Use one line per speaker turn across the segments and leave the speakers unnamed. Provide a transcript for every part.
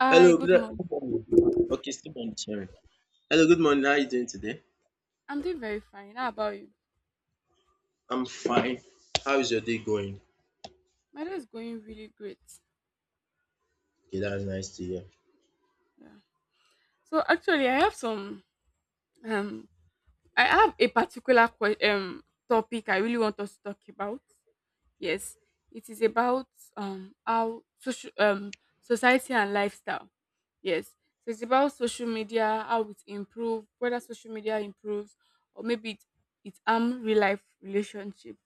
Hi,
Hello,
good
good
morning.
good morning. Okay, still morning, sorry. Hello, good morning. How are you doing today?
I'm doing very fine. How about you?
I'm fine. How is your day going?
My day is going really great.
Okay, that's nice to hear.
Yeah. So actually, I have some um, I have a particular topic I really want us to talk about. Yes, it is about how social society and lifestyle. Yes, so it's about social media, how it improve, whether social media improves or maybe it it harm real life relationship.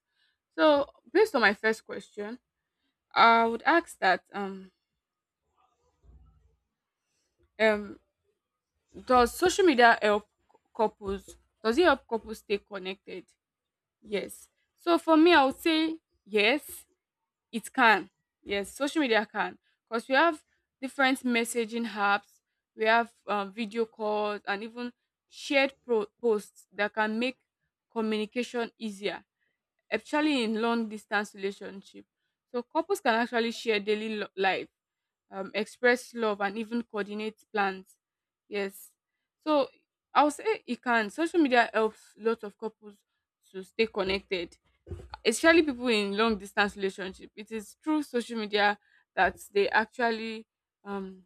So based on my first question, I would ask that Um, does social media help couples? Does it help couples stay connected? Yes. So for me, I would say yes, it can. Yes, social media can because we have different messaging apps, we have video calls, and even posts that can make communication easier especially in long distance relationship. So couples can actually share life, express love, and even coordinate plans. Yes. So I'll say it can. Social media helps lots of couples to stay connected, especially people in long distance relationship. It is through social media that they actually um,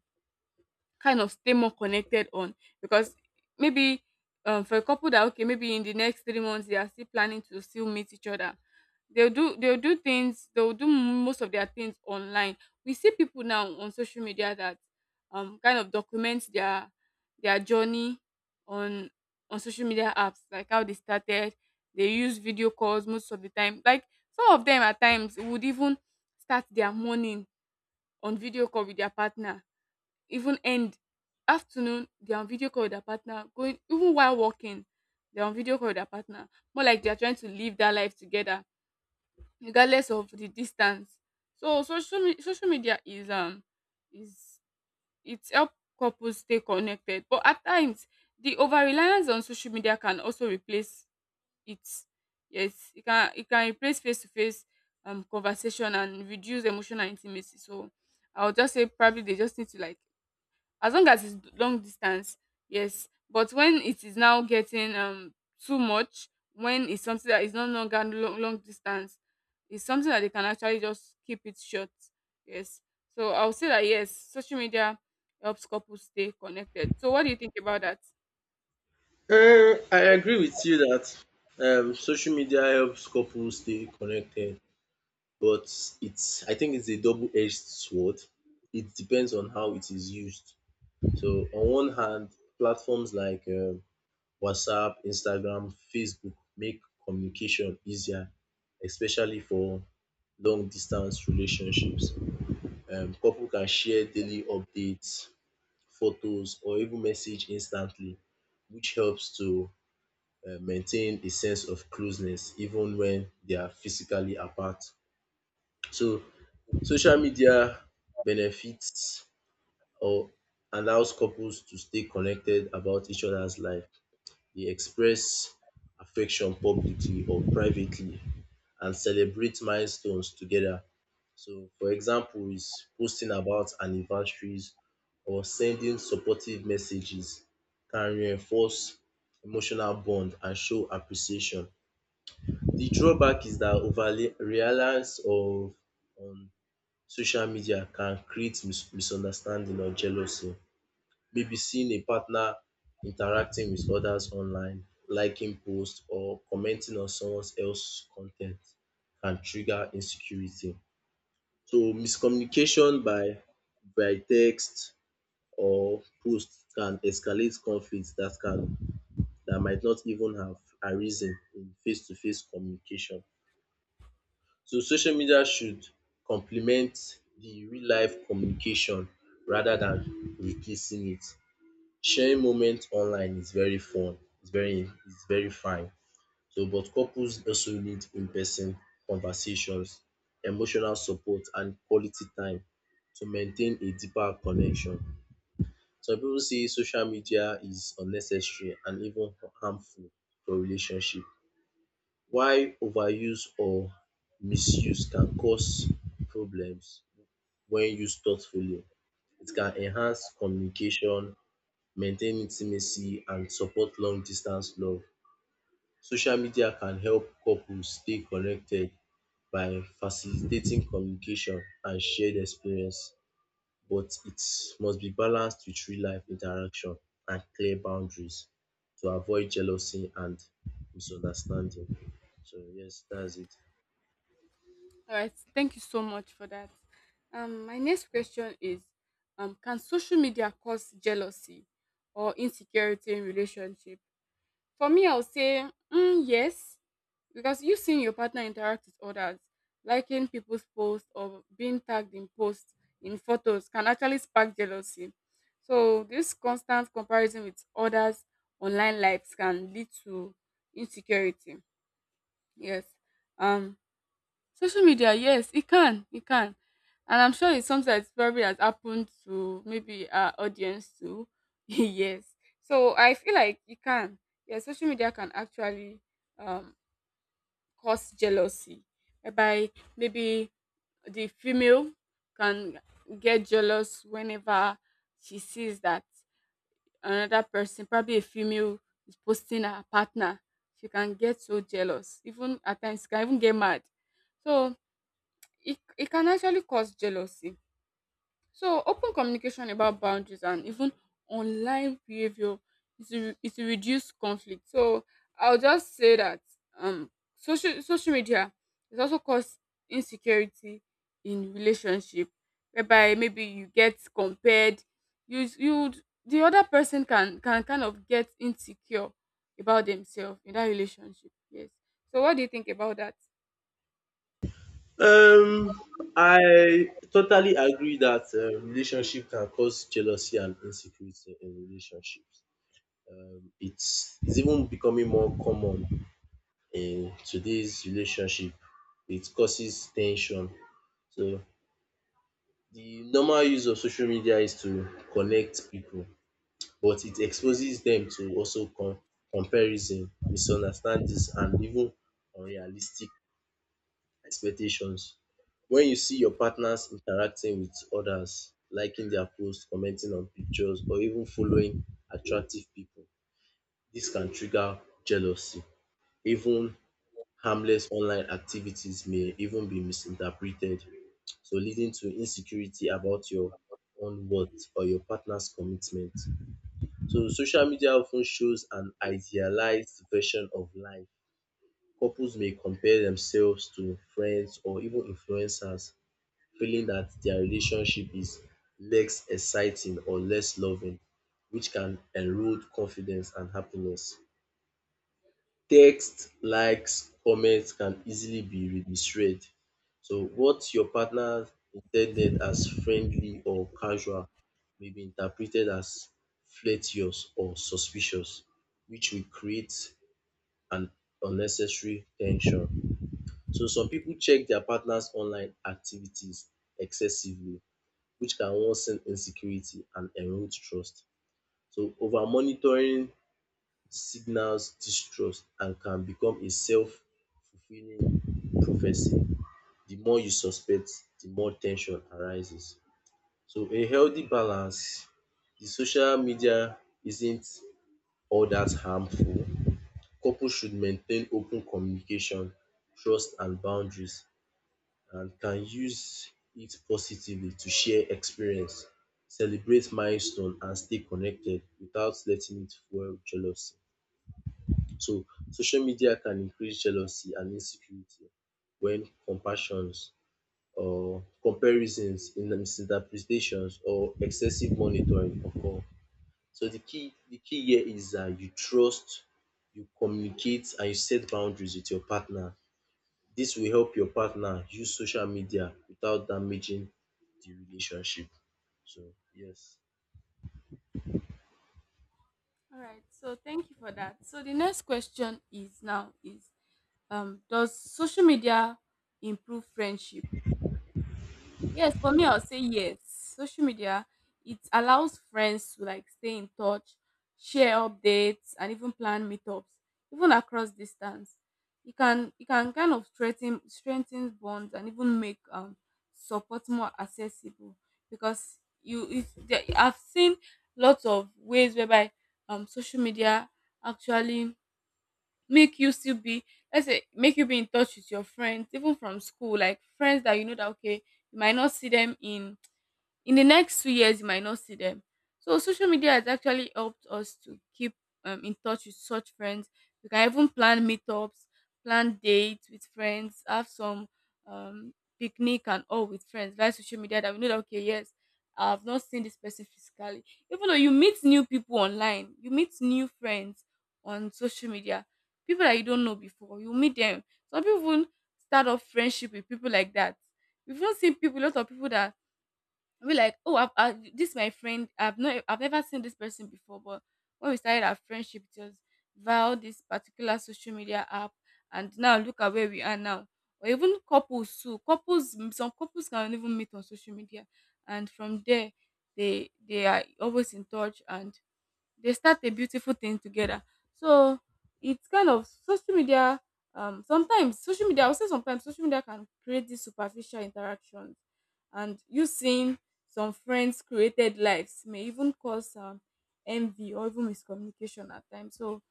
kind of stay more connected on because maybe for a couple that, okay, maybe in the next 3 months they are still planning to still meet each other, they'll do most of their things online. We see people now on social media that kind of document their journey on on social media apps like how they started. They use video calls most of the time. Like, some of them at times would even start their morning on video call with their partner, even end afternoon they're on video call with their partner, going, even while working, they're on video call with their partner. More like they're trying to live that life together regardless of the distance. So social media is it's help couples stay connected, but at times the over reliance on social media can also replace it. Yes, it can, it can replace face to face conversation and reduce emotional intimacy. So I would just say probably they just need to like, as long as it's long distance, yes, but when it is now getting too much, when it's something that is no longer long, long distance, it's something that they can actually just keep it short. Yes. So I'll say that yes, social media helps couples stay connected. So what do you think about that?
I agree with you that social media helps couples stay connected, but it's I think it's a double-edged sword. It depends on how it is used. So on one hand, platforms like WhatsApp, Instagram, Facebook make communication easier, especially for long distance relationships. Couple can share daily updates, photos, or even message instantly, which helps to maintain a sense of closeness even when they are physically apart. So, social media benefits or allows couples to stay connected about each other's life. They express affection publicly or privately and celebrate milestones together. So, for example, is posting about anniversaries or sending supportive messages can reinforce emotional bond and show appreciation. The drawback is that overly reliance of on social media can create misunderstanding or jealousy. BBC may partner interacting with others online liking posts or commenting on someone else's content, can trigger insecurity. So miscommunication by text or post can escalate conflicts that might not even have arisen in face to face communication. So social media should complement the real life communication rather than replacing it. Sharing moments online is very fun, it's very fine. So but couples also need in person conversations, emotional support and quality time to maintain a deeper connection. Some people say social media is unnecessary and even harmful for relationship while overuse or misuse can cause problems when used thoughtfully. It can enhance communication, maintain intimacy and support long distance love. Social media can help couples stay connected by facilitating communication and shared experience, but it must be balanced with real life interaction and clear boundaries to avoid jealousy and misunderstanding. So yes, that's it.
All right, thank you so much for that. My next question is, can social media cause jealousy or insecurity in relationship? For me, I'll say yes, because you seeing your partner interact with others, liking people's posts or being tagged in posts in photos can actually spark jealousy. So this constant comparison with others' online lives can lead to insecurity. Yes. Um Social media, yes, it can, it can. And I'm sure it's something that's probably has happened to maybe our audience too. Yes. So I feel like it can. Yeah, social media can actually um, cause jealousy. By maybe the female can get jealous whenever she sees that another person, probably a female, is posting her partner. She can get so jealous. Even at times, she can even get mad. So it can actually cause jealousy. So, open communication about boundaries and even online behavior is to reduce conflict. So, I'll just say that social media is also cause insecurity in relationship, whereby maybe you get compared, you, the other person can kind of get insecure about themselves in that relationship. Yes. So, what do you think about that?
Um, I totally agree that relationship can cause jealousy and insecurity in relationships. It's even becoming more common in today's relationship. It causes tension. So the normal use of social media is to connect people, but it exposes them to also comparison, misunderstandings and even unrealistic expectations. When you see your partners interacting with others, liking their posts, commenting on pictures or even following attractive people, this can trigger jealousy, even harmless online activities may even be misinterpreted, so leading to insecurity about your own worth or your partner's commitment. So social media often shows an idealized version of life. Couples may compare themselves to friends or even influencers, feeling that their relationship is less exciting or less loving, which can erode confidence and happiness. Text, likes, comments can easily be misread. So what your partner intended as friendly or casual may be interpreted as flirtatious or suspicious, which will create an unnecessary tension. So some people check their partner's online activities excessively, which can worsen insecurity and erode trust. So over monitoring signals distrust and can become a self-fulfilling prophecy. The more you suspect, the more tension arises. So a healthy balance, the social media isn't all that harmful. Couples should maintain open communication, trust and boundaries and can use it positively to share experience, celebrate milestone and stay connected without letting it fuel jealousy. So social media can increase jealousy and insecurity when compassions or comparisons, in the misinterpretations or excessive monitoring occur. So the key here is that you trust, you communicate and you set boundaries with your partner. This will help your partner use social media without damaging the relationship. So yes.
All right. So thank you for that. So the next question is now is does social media improve friendship? Yes, for me, I'll say yes. Social media, it allows friends to like stay in touch, share updates, and even plan meetups, even across distance. You can kind of strengthen bonds and even make support more accessible. Because you if there, I've seen lots of ways whereby social media actually make you still be, let's say make you be in touch with your friends even from school, like friends that you know that, okay, you might not see them in the next 2 years, you might not see them. So social media has actually helped us to keep in touch with such friends. We can even plan meetups, plan dates with friends, have some um, picnic and all with friends via social media that we know that, okay, yes, I've not seen this person physically. Even though you meet new people online, you meet new friends on social media, people that you don't know before you meet them. Some people even start off friendship with people like that. We've not seen people, a lot of people that we like, oh, this is my friend. I've not, I've never seen this person before, but when we started our friendship, it was via this particular social media app, and now look at where we are now. Or even couples too, couples, some couples can even meet on social media, and from there they are always in touch and they start a beautiful thing together. So it's kind of social media. Sometimes social media, I would say sometimes social media can create these superficial interactions, and you seeing some friends' created lives may even cause envy or even miscommunication at times. So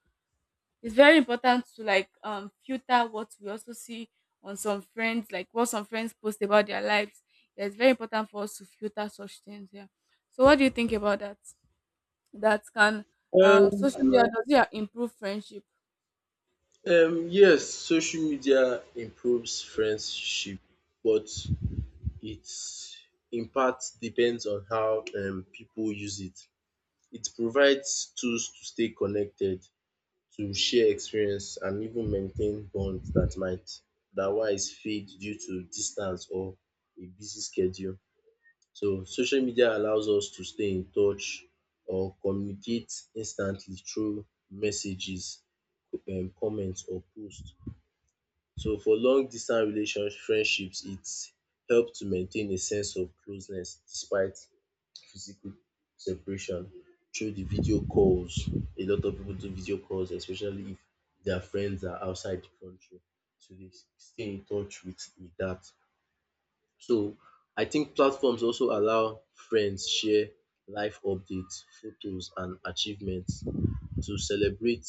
it's very important to like filter what we also see on some friends, like what some friends post about their lives. Yeah, it's very important for us to filter such things. Yeah. So what do you think about that? That can
um
Social media, does it improve friendship?
yes, social media improves friendship but it in part depends on how people use it. It provides tools to stay connected, to share experience and even maintain bonds that might otherwise fade due to distance or a busy schedule. So social media allows us to stay in touch or communicate instantly through messages, comments or posts. So for long distance relationship friendships it help to maintain a sense of closeness despite physical separation through the video calls. A lot of people do video calls especially if their friends are outside the country so they stay in touch with that. So I think platforms also allow friends share life updates, photos and achievements to celebrate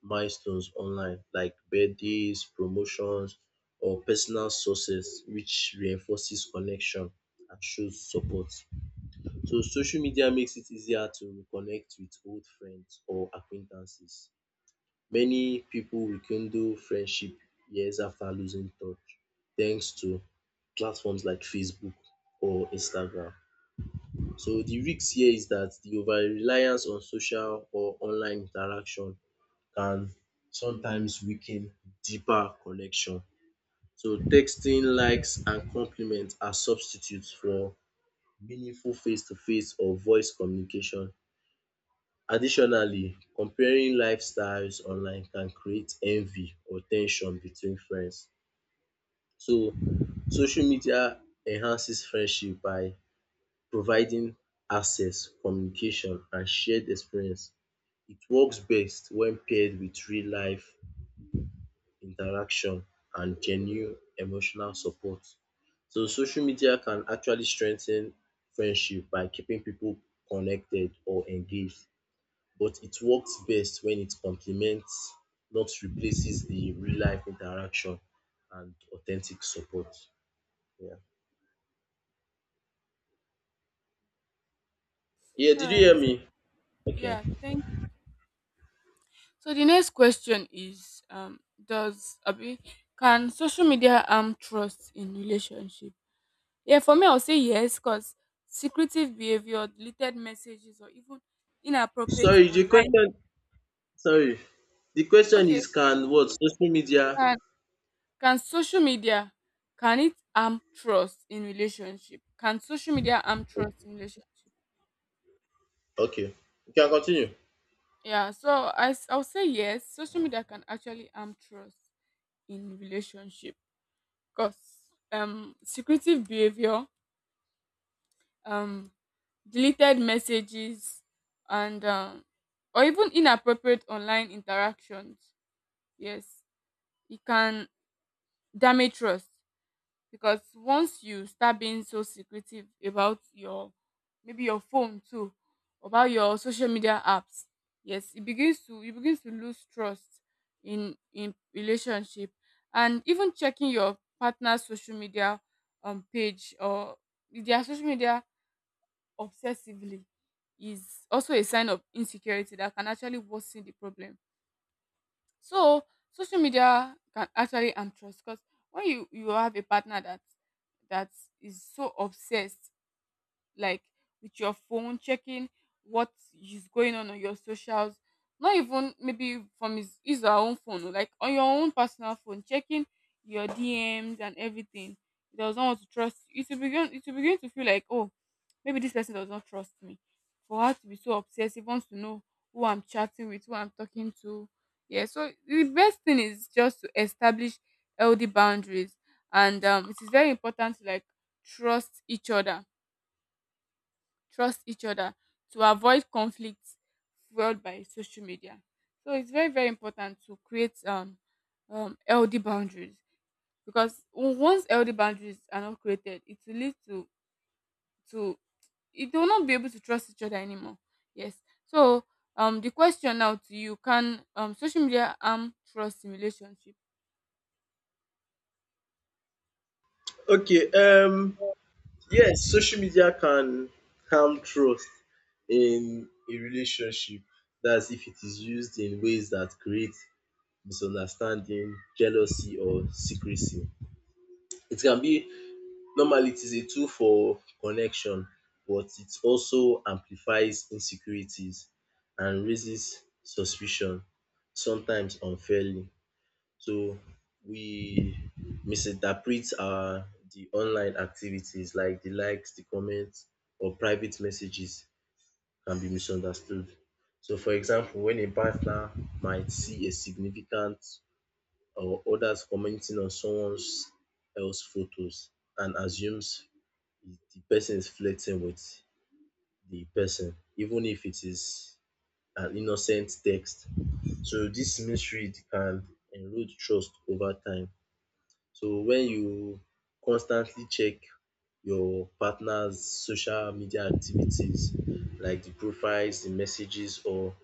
milestones online like birthdays, promotions or personal success which reinforces connection and shows support. So social media makes it easier to reconnect with old friends or acquaintances. Many people rekindle friendship years after losing touch thanks to platforms like Facebook or Instagram. So the risk here is that the over reliance on social or online interaction can sometimes weaken deeper connection. So texting, likes and compliments are substitutes for meaningful face to face or voice communication. Additionally, comparing lifestyles online can create envy or tension between friends. So social media enhances friendship by providing access, communication and shared experience. It works best when paired with real life interaction and genuine emotional support. So social media can actually strengthen friendship by keeping people connected or engaged but it works best when it complements, not replaces the real life interaction and authentic support. Yeah. Yeah,
All
did you hear
right.
me? Okay.
yeah thank So the next question is does abi can social media harm trust in relationship? Yeah, for me, I'll say yes, because secretive behavior, deleted messages or even inappropriate
Sorry,
online.
sorry. The question
Okay.
is, can what social media?
Can can social media, can it harm trust in relationship? Can social media harm trust in relationship?
Okay. You can continue.
Yeah, so I'll say yes. Social media can actually harm trust in relationship because secretive behavior, um deleted messages, and or even inappropriate online interactions. Yes, it can damage trust. Because once you start being so secretive about your, maybe your phone too, about your social media apps, yes, it begins to, you begin to lose trust in relationship. And even checking your partner's social media page or their social media obsessively is also a sign of insecurity that can actually worsen the problem. So social media can actually harm trust because when you have a partner that that is so obsessed, like, with your phone, checking what is going on your socials. Not even maybe from his or her own phone, oh, like on your own personal phone, checking your DMs and everything. He does not want to trust you. It will begin to feel like, oh, maybe this person does not trust me. For her to be so obsessive, wants to know who I'm chatting with, who I'm talking to. Yeah, so the best thing is just to establish healthy boundaries, and it is very important to like trust each other, trust each other to avoid conflicts fueled by social media. So it's very, very important to create healthy boundaries, because once healthy boundaries are not created, it will lead to to it will not be able to trust each other anymore. Yes. So the question now to you: can social media harm trust in relationship?
Okay, yes, social media can harm trust in a relationship. That's if it is used in ways that create misunderstanding, jealousy or secrecy. It can be Normally it is a tool for connection but it also amplifies insecurities and raises suspicion sometimes unfairly. So we misinterpret our the online activities like the likes, the comments or private messages can be misunderstood. So for example when a partner might see a significant or others commenting on someone's else photos and assumes the person is flirting with the person, even if it is an innocent text. So this misread can erode trust over time. So when you constantly check your partner's social media activities, like the profiles, the messages, or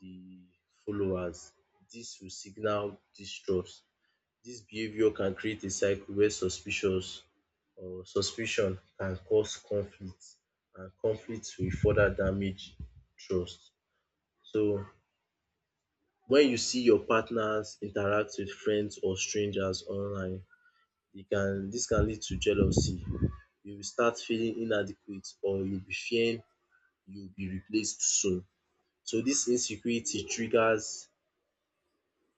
the followers, this will signal distrust. This behavior can create a cycle where suspicious or suspicion can cause conflict and conflict will further damage trust. So when you see your partners interact with friends or strangers online, they can this can lead to jealousy. You will start feeling inadequate or you'll be fearing you'll be replaced soon. So this insecurity triggers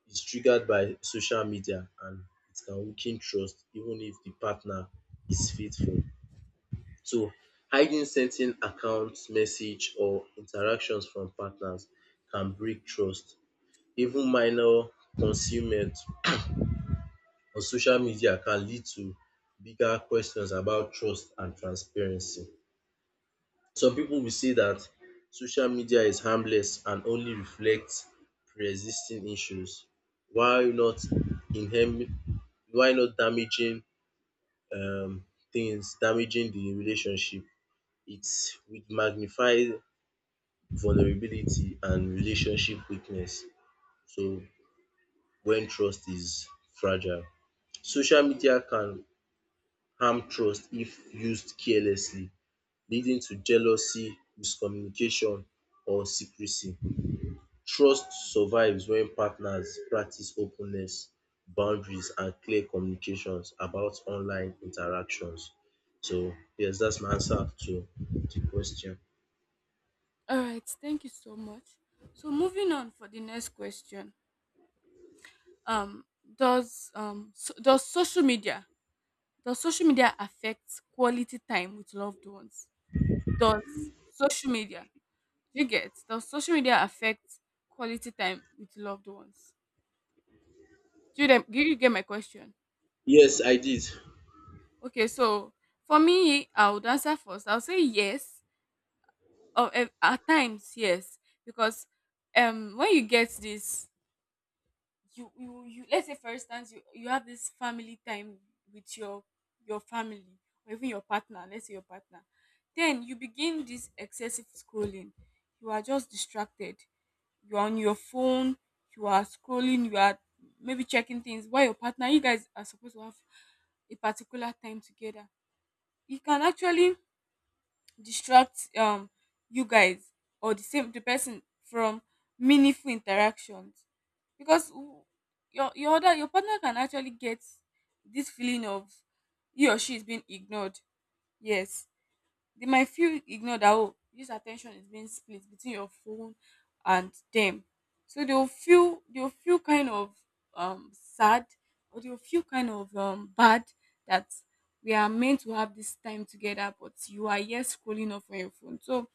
is triggered by social media and it can weaken trust even if the partner is faithful. So hiding certain accounts, message or interactions from partners can break trust. Even minor concealment on social media can lead to bigger questions about trust and transparency. Some people will say that social media is harmless and only reflects pre-existing issues, while not inherent, while not damaging um, things, damaging the relationship. It's with magnified vulnerability and relationship weakness. So when trust is fragile, social media can harm trust if used carelessly, leading to jealousy, miscommunication, or secrecy. Trust survives when partners practice openness, boundaries, and clear communications about online interactions. So yes, that's my answer to the question.
All right. Thank you so much. So moving on for the next question. Um, does um so, does social media Does social media affect quality time with loved ones? Does social media, you get, does social media affect quality time with loved ones? Do you, do you get my question?
Yes, I did.
Okay, so for me, I would answer first. I'll say yes. Or, at times, yes. Because when you get this, you, let's say for instance, you have this family time with your family or even your partner, let's say your partner, then you begin this excessive scrolling, you are just distracted, you're on your phone, you are scrolling, you are maybe checking things while your partner, you guys are supposed to have a particular time together. You can actually distract you guys or the same the person from meaningful interactions. Because your other, your partner can actually get this feeling of he or she is being ignored. Yes, they might feel ignored, that oh, this attention is being split between your phone and them. So they'll feel kind of sad, or they'll feel kind of bad that we are meant to have this time together, but you are here scrolling off on your phone. So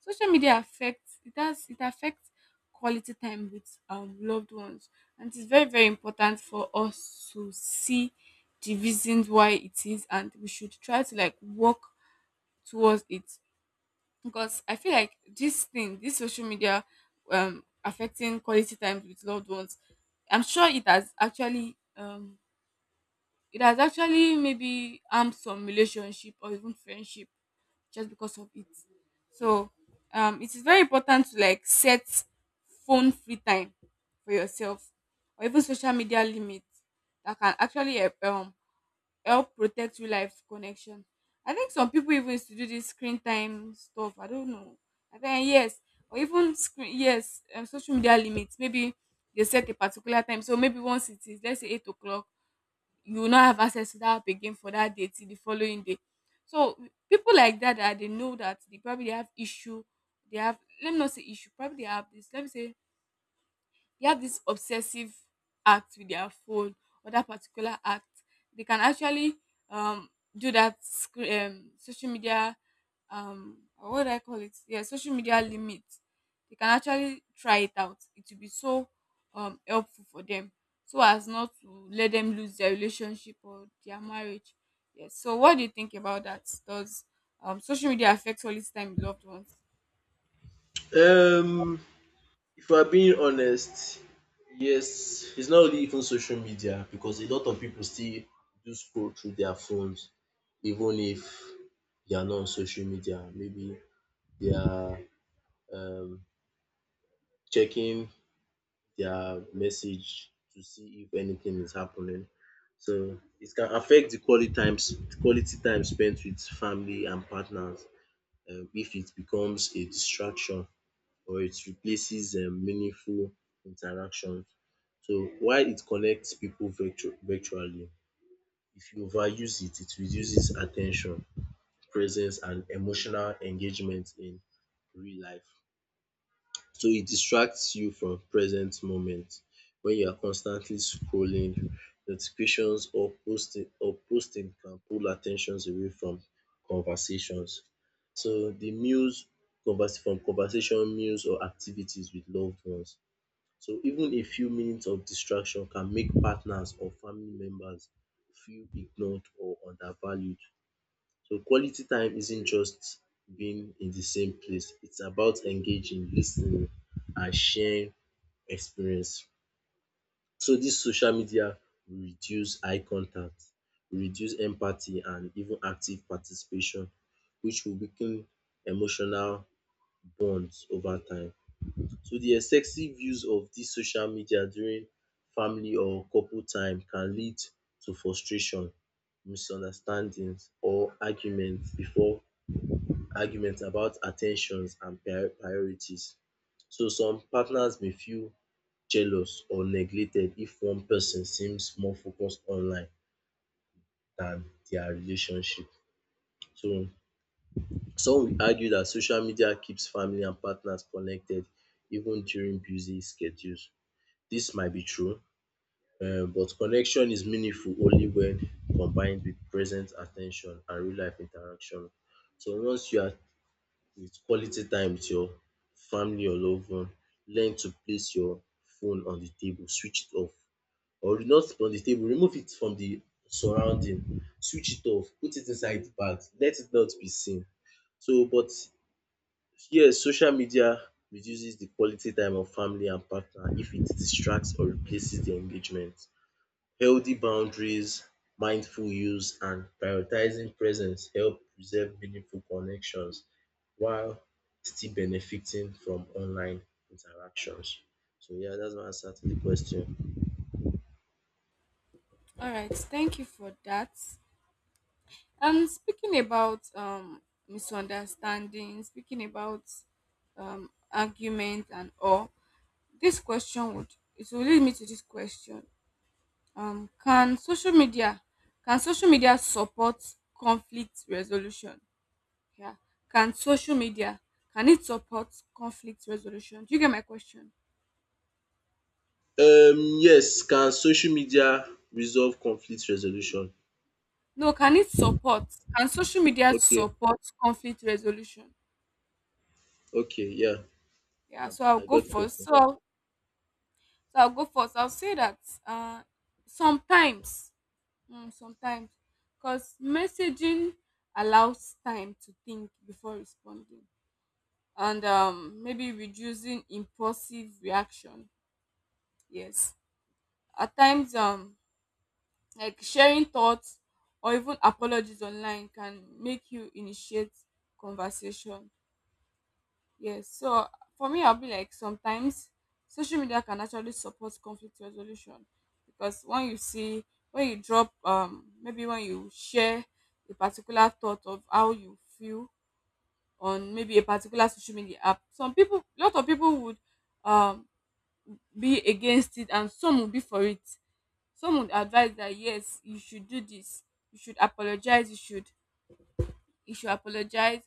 social media affects it does, it affects quality time with loved ones, and it's very very important for us to see the reasons why it is, and we should try to like work towards it, because I feel like this social media affecting quality time with loved ones. I'm sure it has actually maybe harmed some relationship or even friendship, just because of it. So, it is very important to like set phone free time for yourself, or even social media limits that can actually help protect real life connection. I think some people even used to do this screen time stuff. I don't know. I think yes, or even screen yes, social media limits. Maybe they set a particular time. So, maybe once it is, let's say, 8 o'clock, you will not have access to that app again for that day till the following day. So people like that, that they know that they probably have issue. They have... let me not say issue. Probably they have this. Let me say they have this obsessive act with their phone, or that particular act, they can actually um do that social media, or what do I call it, yeah, social media limit. They can actually try it out, it will be so helpful for them, so as not to let them lose their relationship or their marriage. Yes, so what do you think about that? Does social media affect all this time with loved ones?
Um, if we're being honest, yes, it's not only even social media because a lot of people still do scroll through their phones, even if they are not on social media. Maybe they are um, checking their message to see if anything is happening. So it can affect the quality times quality time spent with family and partners if it becomes a distraction or it replaces meaningful interactions. So while it connects people virtually, if you overuse it, it reduces attention, presence and emotional engagement in real life. So it distracts you from present moment when you are constantly scrolling, notifications or posting can pull attentions away from conversations. So the meals convers from conversation, meals or activities with loved ones. So even a few minutes of distraction can make partners or family members feel ignored or undervalued. So quality time isn't just being in the same place, it's about engaging, listening, and sharing experience. So this social media will reduce eye contact, will reduce empathy and even active participation which will weaken emotional bonds over time. So the excessive use of this social media during family or couple time can lead to frustration, misunderstandings or arguments before arguments about attentions and priorities. So some partners may feel jealous or neglected if one person seems more focused online than their relationship. So some will argue that social media keeps family and partners connected even during busy schedules. This might be true, but connection is meaningful only when combined with present attention and real life interaction. So once you are with quality time with your family or loved one. Learn to place your phone on the table, switch it off or not on the table, remove it from the surrounding, switch it off, put it inside the bag, let it not be seen. So but yes, social media reduces the quality time of family and partner if it distracts or replaces the engagement. Healthy boundaries, mindful use, and prioritizing presence help preserve meaningful connections while still benefiting from online interactions. So yeah, that's my answer to the question.
All right, thank you for that. And speaking about misunderstanding, speaking about argument and all, this question would it will lead me to this question. Um can social media can social media support conflict resolution? Yeah. Can social media can it support conflict resolution? Do you get my question?
Yes, can social media resolve conflict resolution?
No, can it support? Can social media
Okay,
support conflict resolution?
okay, yeah,
Yeah, so I'll
I
go
got the
first.
question.
So I'll go first. I'll say that uh, sometimes, mm, sometimes, because messaging allows time to think before responding, and maybe reducing impulsive reaction. Yes, at times, like sharing thoughts or even apologies online can make you initiate conversation. Yes. So, for me, I'll be like, sometimes social media can actually support conflict resolution, because when you see, when you share a particular thought of how you feel on maybe a particular social media app, some people a lot of people would um be against it, and some would be for it. Some would advise that yes, you should do this, you should apologize, you should apologize,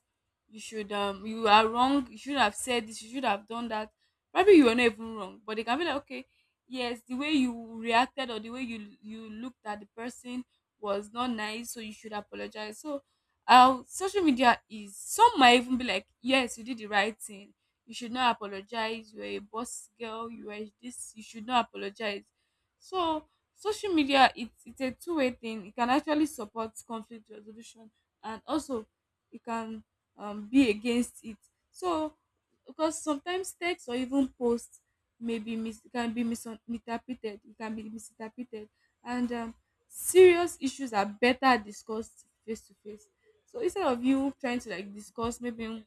you are wrong, you should have said this, you should have done that. Probably you were not even wrong, but they can be like, okay, yes, the way you reacted, or the way you looked at the person was not nice, so you should apologize. So, social media, is some might even be like, yes, you did the right thing, you should not apologize, you're a boss girl, you are this, you should not apologize. So social media, it's a two-way thing. It can actually support conflict resolution, and also you can be against it. So, because sometimes text or even post can be misinterpreted, and serious issues are better discussed face to face. So, instead of you trying to like discuss, maybe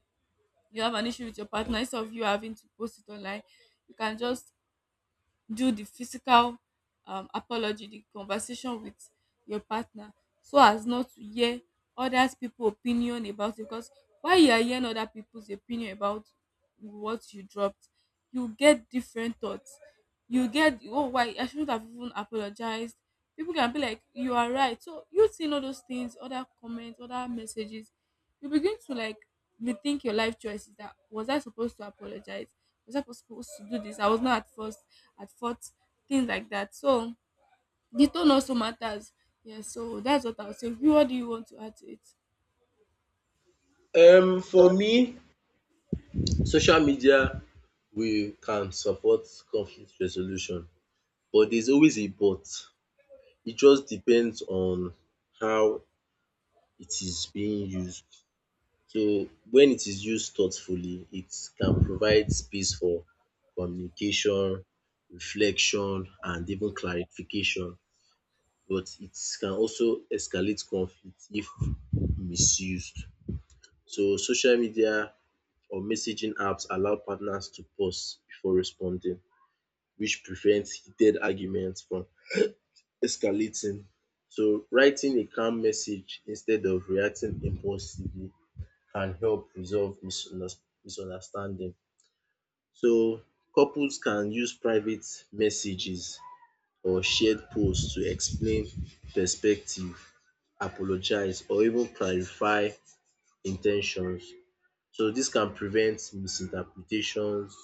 you have an issue with your partner, instead of you having to post it online, you can just do the physical apology, the conversation with your partner, so as not to hear other people opinion about you. Because while you are hearing other people's opinion about what you dropped, you get different thoughts. You get, oh, why I shouldn't have even apologized. People can be like, you are right. So you seeing all those things, other comments, other messages, you begin to like rethink your life choices. That was, I supposed to apologize? Was I supposed to do this? I was not at first at fault, things like that. So the tone also matters. Yeah, so that's what I'll say. What do you want to add to it?
For me, social media we can support conflict resolution, but there's always a but. It just depends on how it is being used. So when it is used thoughtfully, it can provide space for communication, reflection and even clarification, but it can also escalate conflict if misused. So social media or messaging apps allow partners to pause before responding, which prevents heated arguments from escalating. So writing a calm message instead of reacting impulsively can help resolve misunderstanding. So couples can use private messages or shared posts to explain perspective, apologize or even clarify intentions. So this can prevent misinterpretations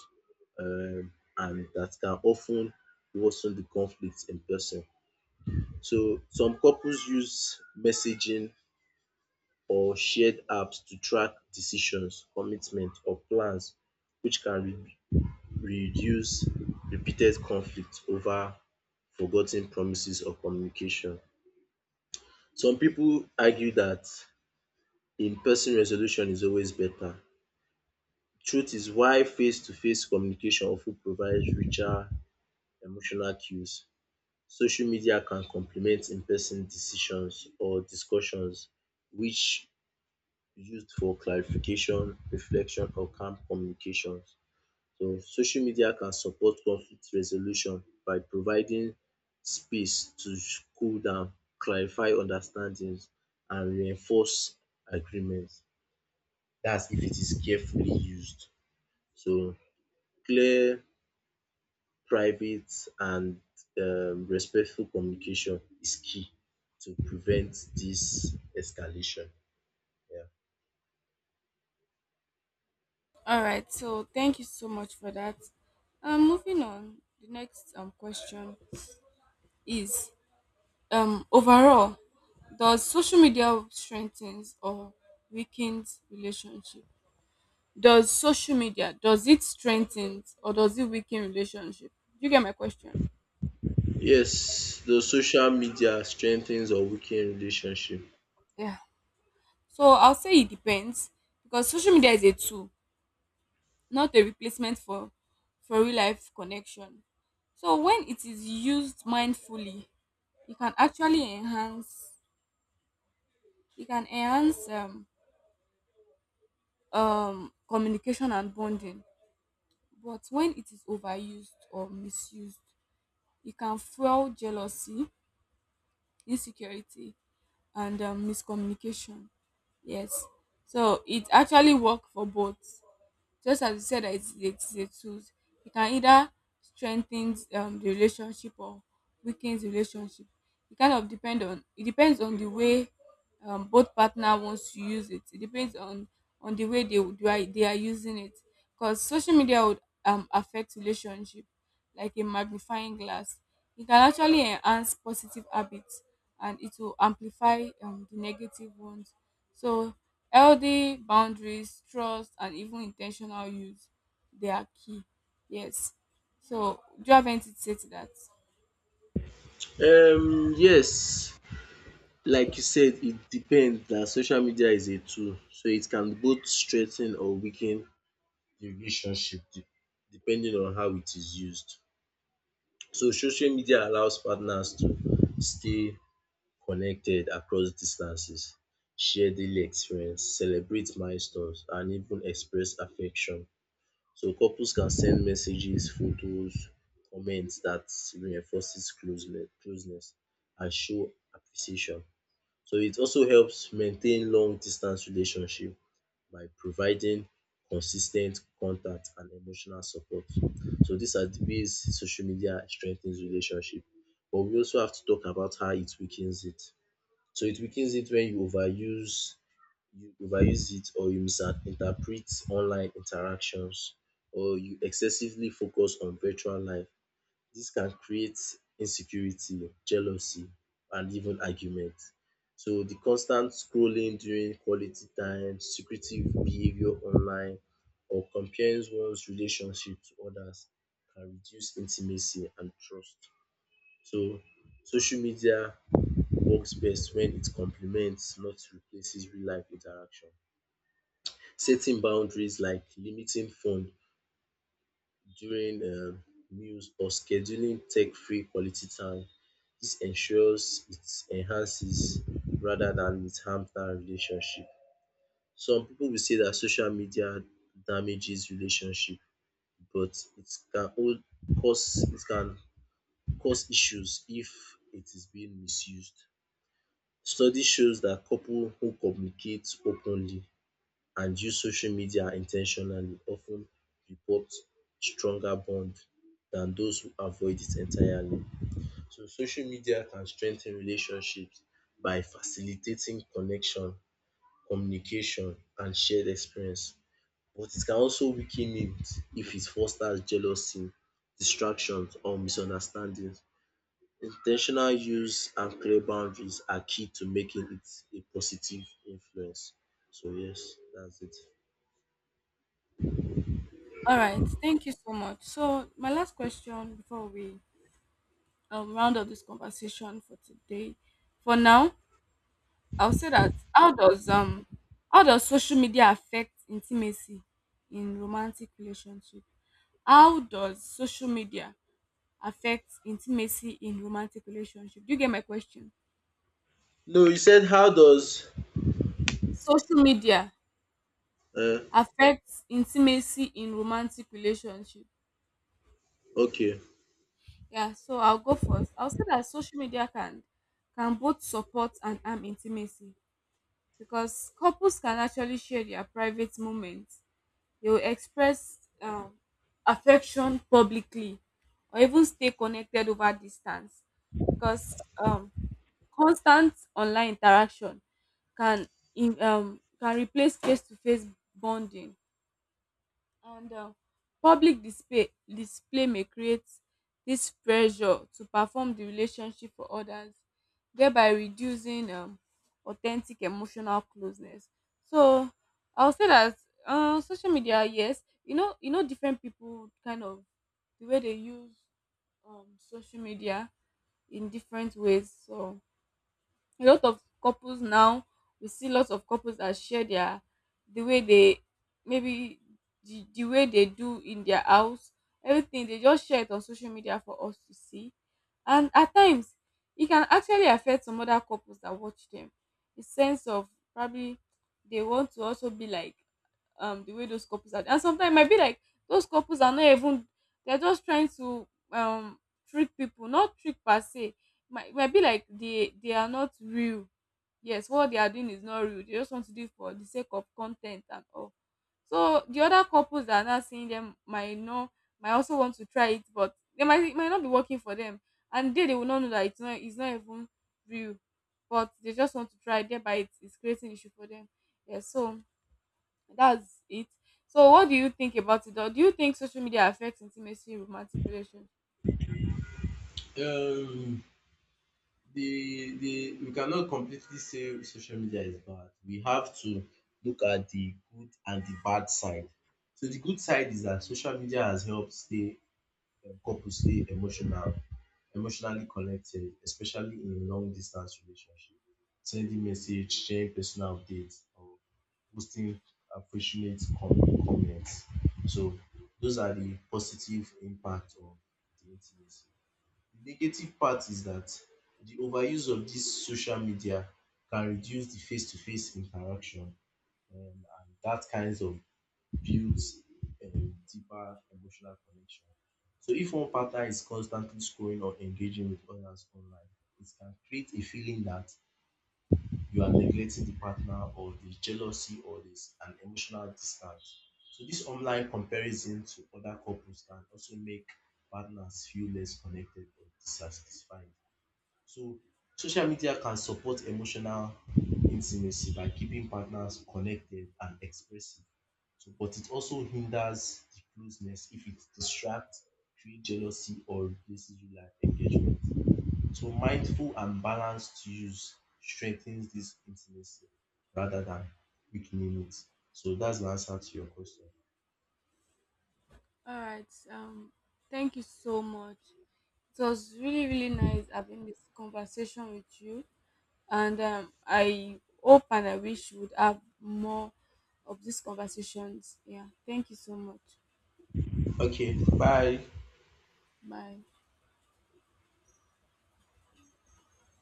um and that can often worsen the conflict in person. So some couples use messaging or shared apps to track decisions, commitment or plans which can reduce repeated conflict over forgotten promises or communication. Some people argue that in-person resolution is always better. Truth is why face-to-face communication often provides richer emotional cues. Social media can complement in-person decisions or discussions which used for clarification, reflection or calm communications. So social media can support conflict resolution by providing space to cool down, clarify understandings and reinforce agreements. That's if it is carefully used. So clear, private and respectful communication is key to prevent this escalation. Yeah.
All right, so thank you so much for that. Moving on, the next question is, overall, does social media strengthens or weakens relationship? Does social media does it strengthens, or does it weaken relationship? Do you get my question?
Yes, the social media strengthens or weaken relationship?
Yeah. So I'll say it depends, because social media is a tool, not a replacement for real life connection. So when it is used mindfully, it can actually enhance, it can enhance communication and bonding. But when it is overused or misused, it can fuel jealousy, insecurity, and miscommunication. Yes. So it actually works for both. Just as you said that it's a tool, it can either strengthen the relationship, or weakens the relationship. It kind of depend on it depends on the way both partner wants to use it. It depends on the way they are using it. Because social media would affect relationship like a magnifying glass. It can actually enhance positive habits, and it will amplify the negative ones. So, healthy boundaries, trust, and even intentional use, they are key. Yes. So, do you have anything to say to that?
Yes, like you said it depends dat social media is a tool so it can both strengthen or weaken the relationship de depending on how it is used. So social media allows partners to stay connected across distances, share daily experience, celebrate milestones and even express affection. So couples can send messages, photos, comments that reinforces closeness and show appreciation. So it also helps maintain long distance relationship by providing consis ten t contact and emotional support. So these are the ways social media strengthens relationship. But we also have to talk about how it weakens it. So it weakens it when you overuse it or you misinterpret online interactions or you excessively focus on virtual life. This can create insecurity, jealousy, and even argument. So the constant scrolling during quality time, secretive behavior online, or comparing one's relationship to others can reduce intimacy and trust. So social media works best when it complements, not replaces real life interaction. Setting boundaries like limiting phone during meals or scheduling tech free quality time. This ensures it enhances rather than it harms that relationship. Some people will say that social media damages relationship, but it can cause issues if it is being misused. Study shows that couple who communicate openly and use social media in ten tionally of ten report stronger bond than those who avoid it entirely. So social media can strengthen relationships by facilitating connection, communication and shared experience but it can also weaken it if it fosters jealousy, distractions or misunderstandings. In ten tional use and clear boundaries are key to making it a positive influence. So yes, that's it.
All right. Thank you so much. So, my last question before we round up this conversation for today, for now, I'll say that, how does social media affect intimacy in romantic relationship? How does social media affect intimacy in romantic relationship? Do you get my question?
No, you said how does
Social media
uh,
affects intimacy in romantic relationship.
okay.
Yeah, so I'll go first. I'll say that social media can both support and harm intimacy, because couples can actually share their private moments. They will express affection publicly, or even stay connected over distance. Because constant online interaction can replace face to face bonding, and public display may create this pressure to perform the relationship for others, thereby reducing authentic emotional closeness. So I will say that social media, yes, different people kind of, the way they use social media in different ways. So, a lot of couples now, we see lots of couples that share the way they maybe the way they do in their house, everything they just share it on social media for us to see. And at times, it can actually affect some other couples that watch them. The sense of, probably they want to also be like the way those couples are. And sometimes it might be like those couples are not even, they're just trying to um trick people, not trick per se, might be like they are not real. Yes, what they are doing is not real, they just want to do it for the sake of content and all. So the other couples that are not seeing them might know, might also want to try it, but they might it might not be working for them, and they will not know that it's not even real, but they just want to try, thereby it is creating issue for them. Yeah, so that's it. So, what do you think about it? Or do you think social media affects intimacy in romantic relations?
um the we cannot completely say social media is bad, we have to look at the good and the bad side. So the good side is that social media has helped stay um, purposely emotional, emotionally connected, especially in long distance relationship. Sending message, sharing personal updates, or posting affectionate comments. So those are the positive impact of the intimacy. The negative part is that the overuse of this social media can reduce the face-to-face interaction and that kinds of builds deeper emotional connection. So if one partner is constantly scrolling or engaging with others online, it can create a feeling that you are neglecting the partner or the jealousy or this an emotional distance. So this online comparison to other couples can also make partners feel less connected or dissatisfied. So social media can support emotional intimacy by keeping partners connected and expressive. So, but it also hinders the closeness if it distracts, creates jealousy, or replaces real life engagement. So, mindful and balanced use strengthens this intimacy rather than weakening it. So, that's the answer to your question.
All right. Thank you so much. It was really, really nice having this conversation with you. And I hope and I wish we would have more of these conversations. Yeah. Thank you so much.
Okay, bye.
Bye.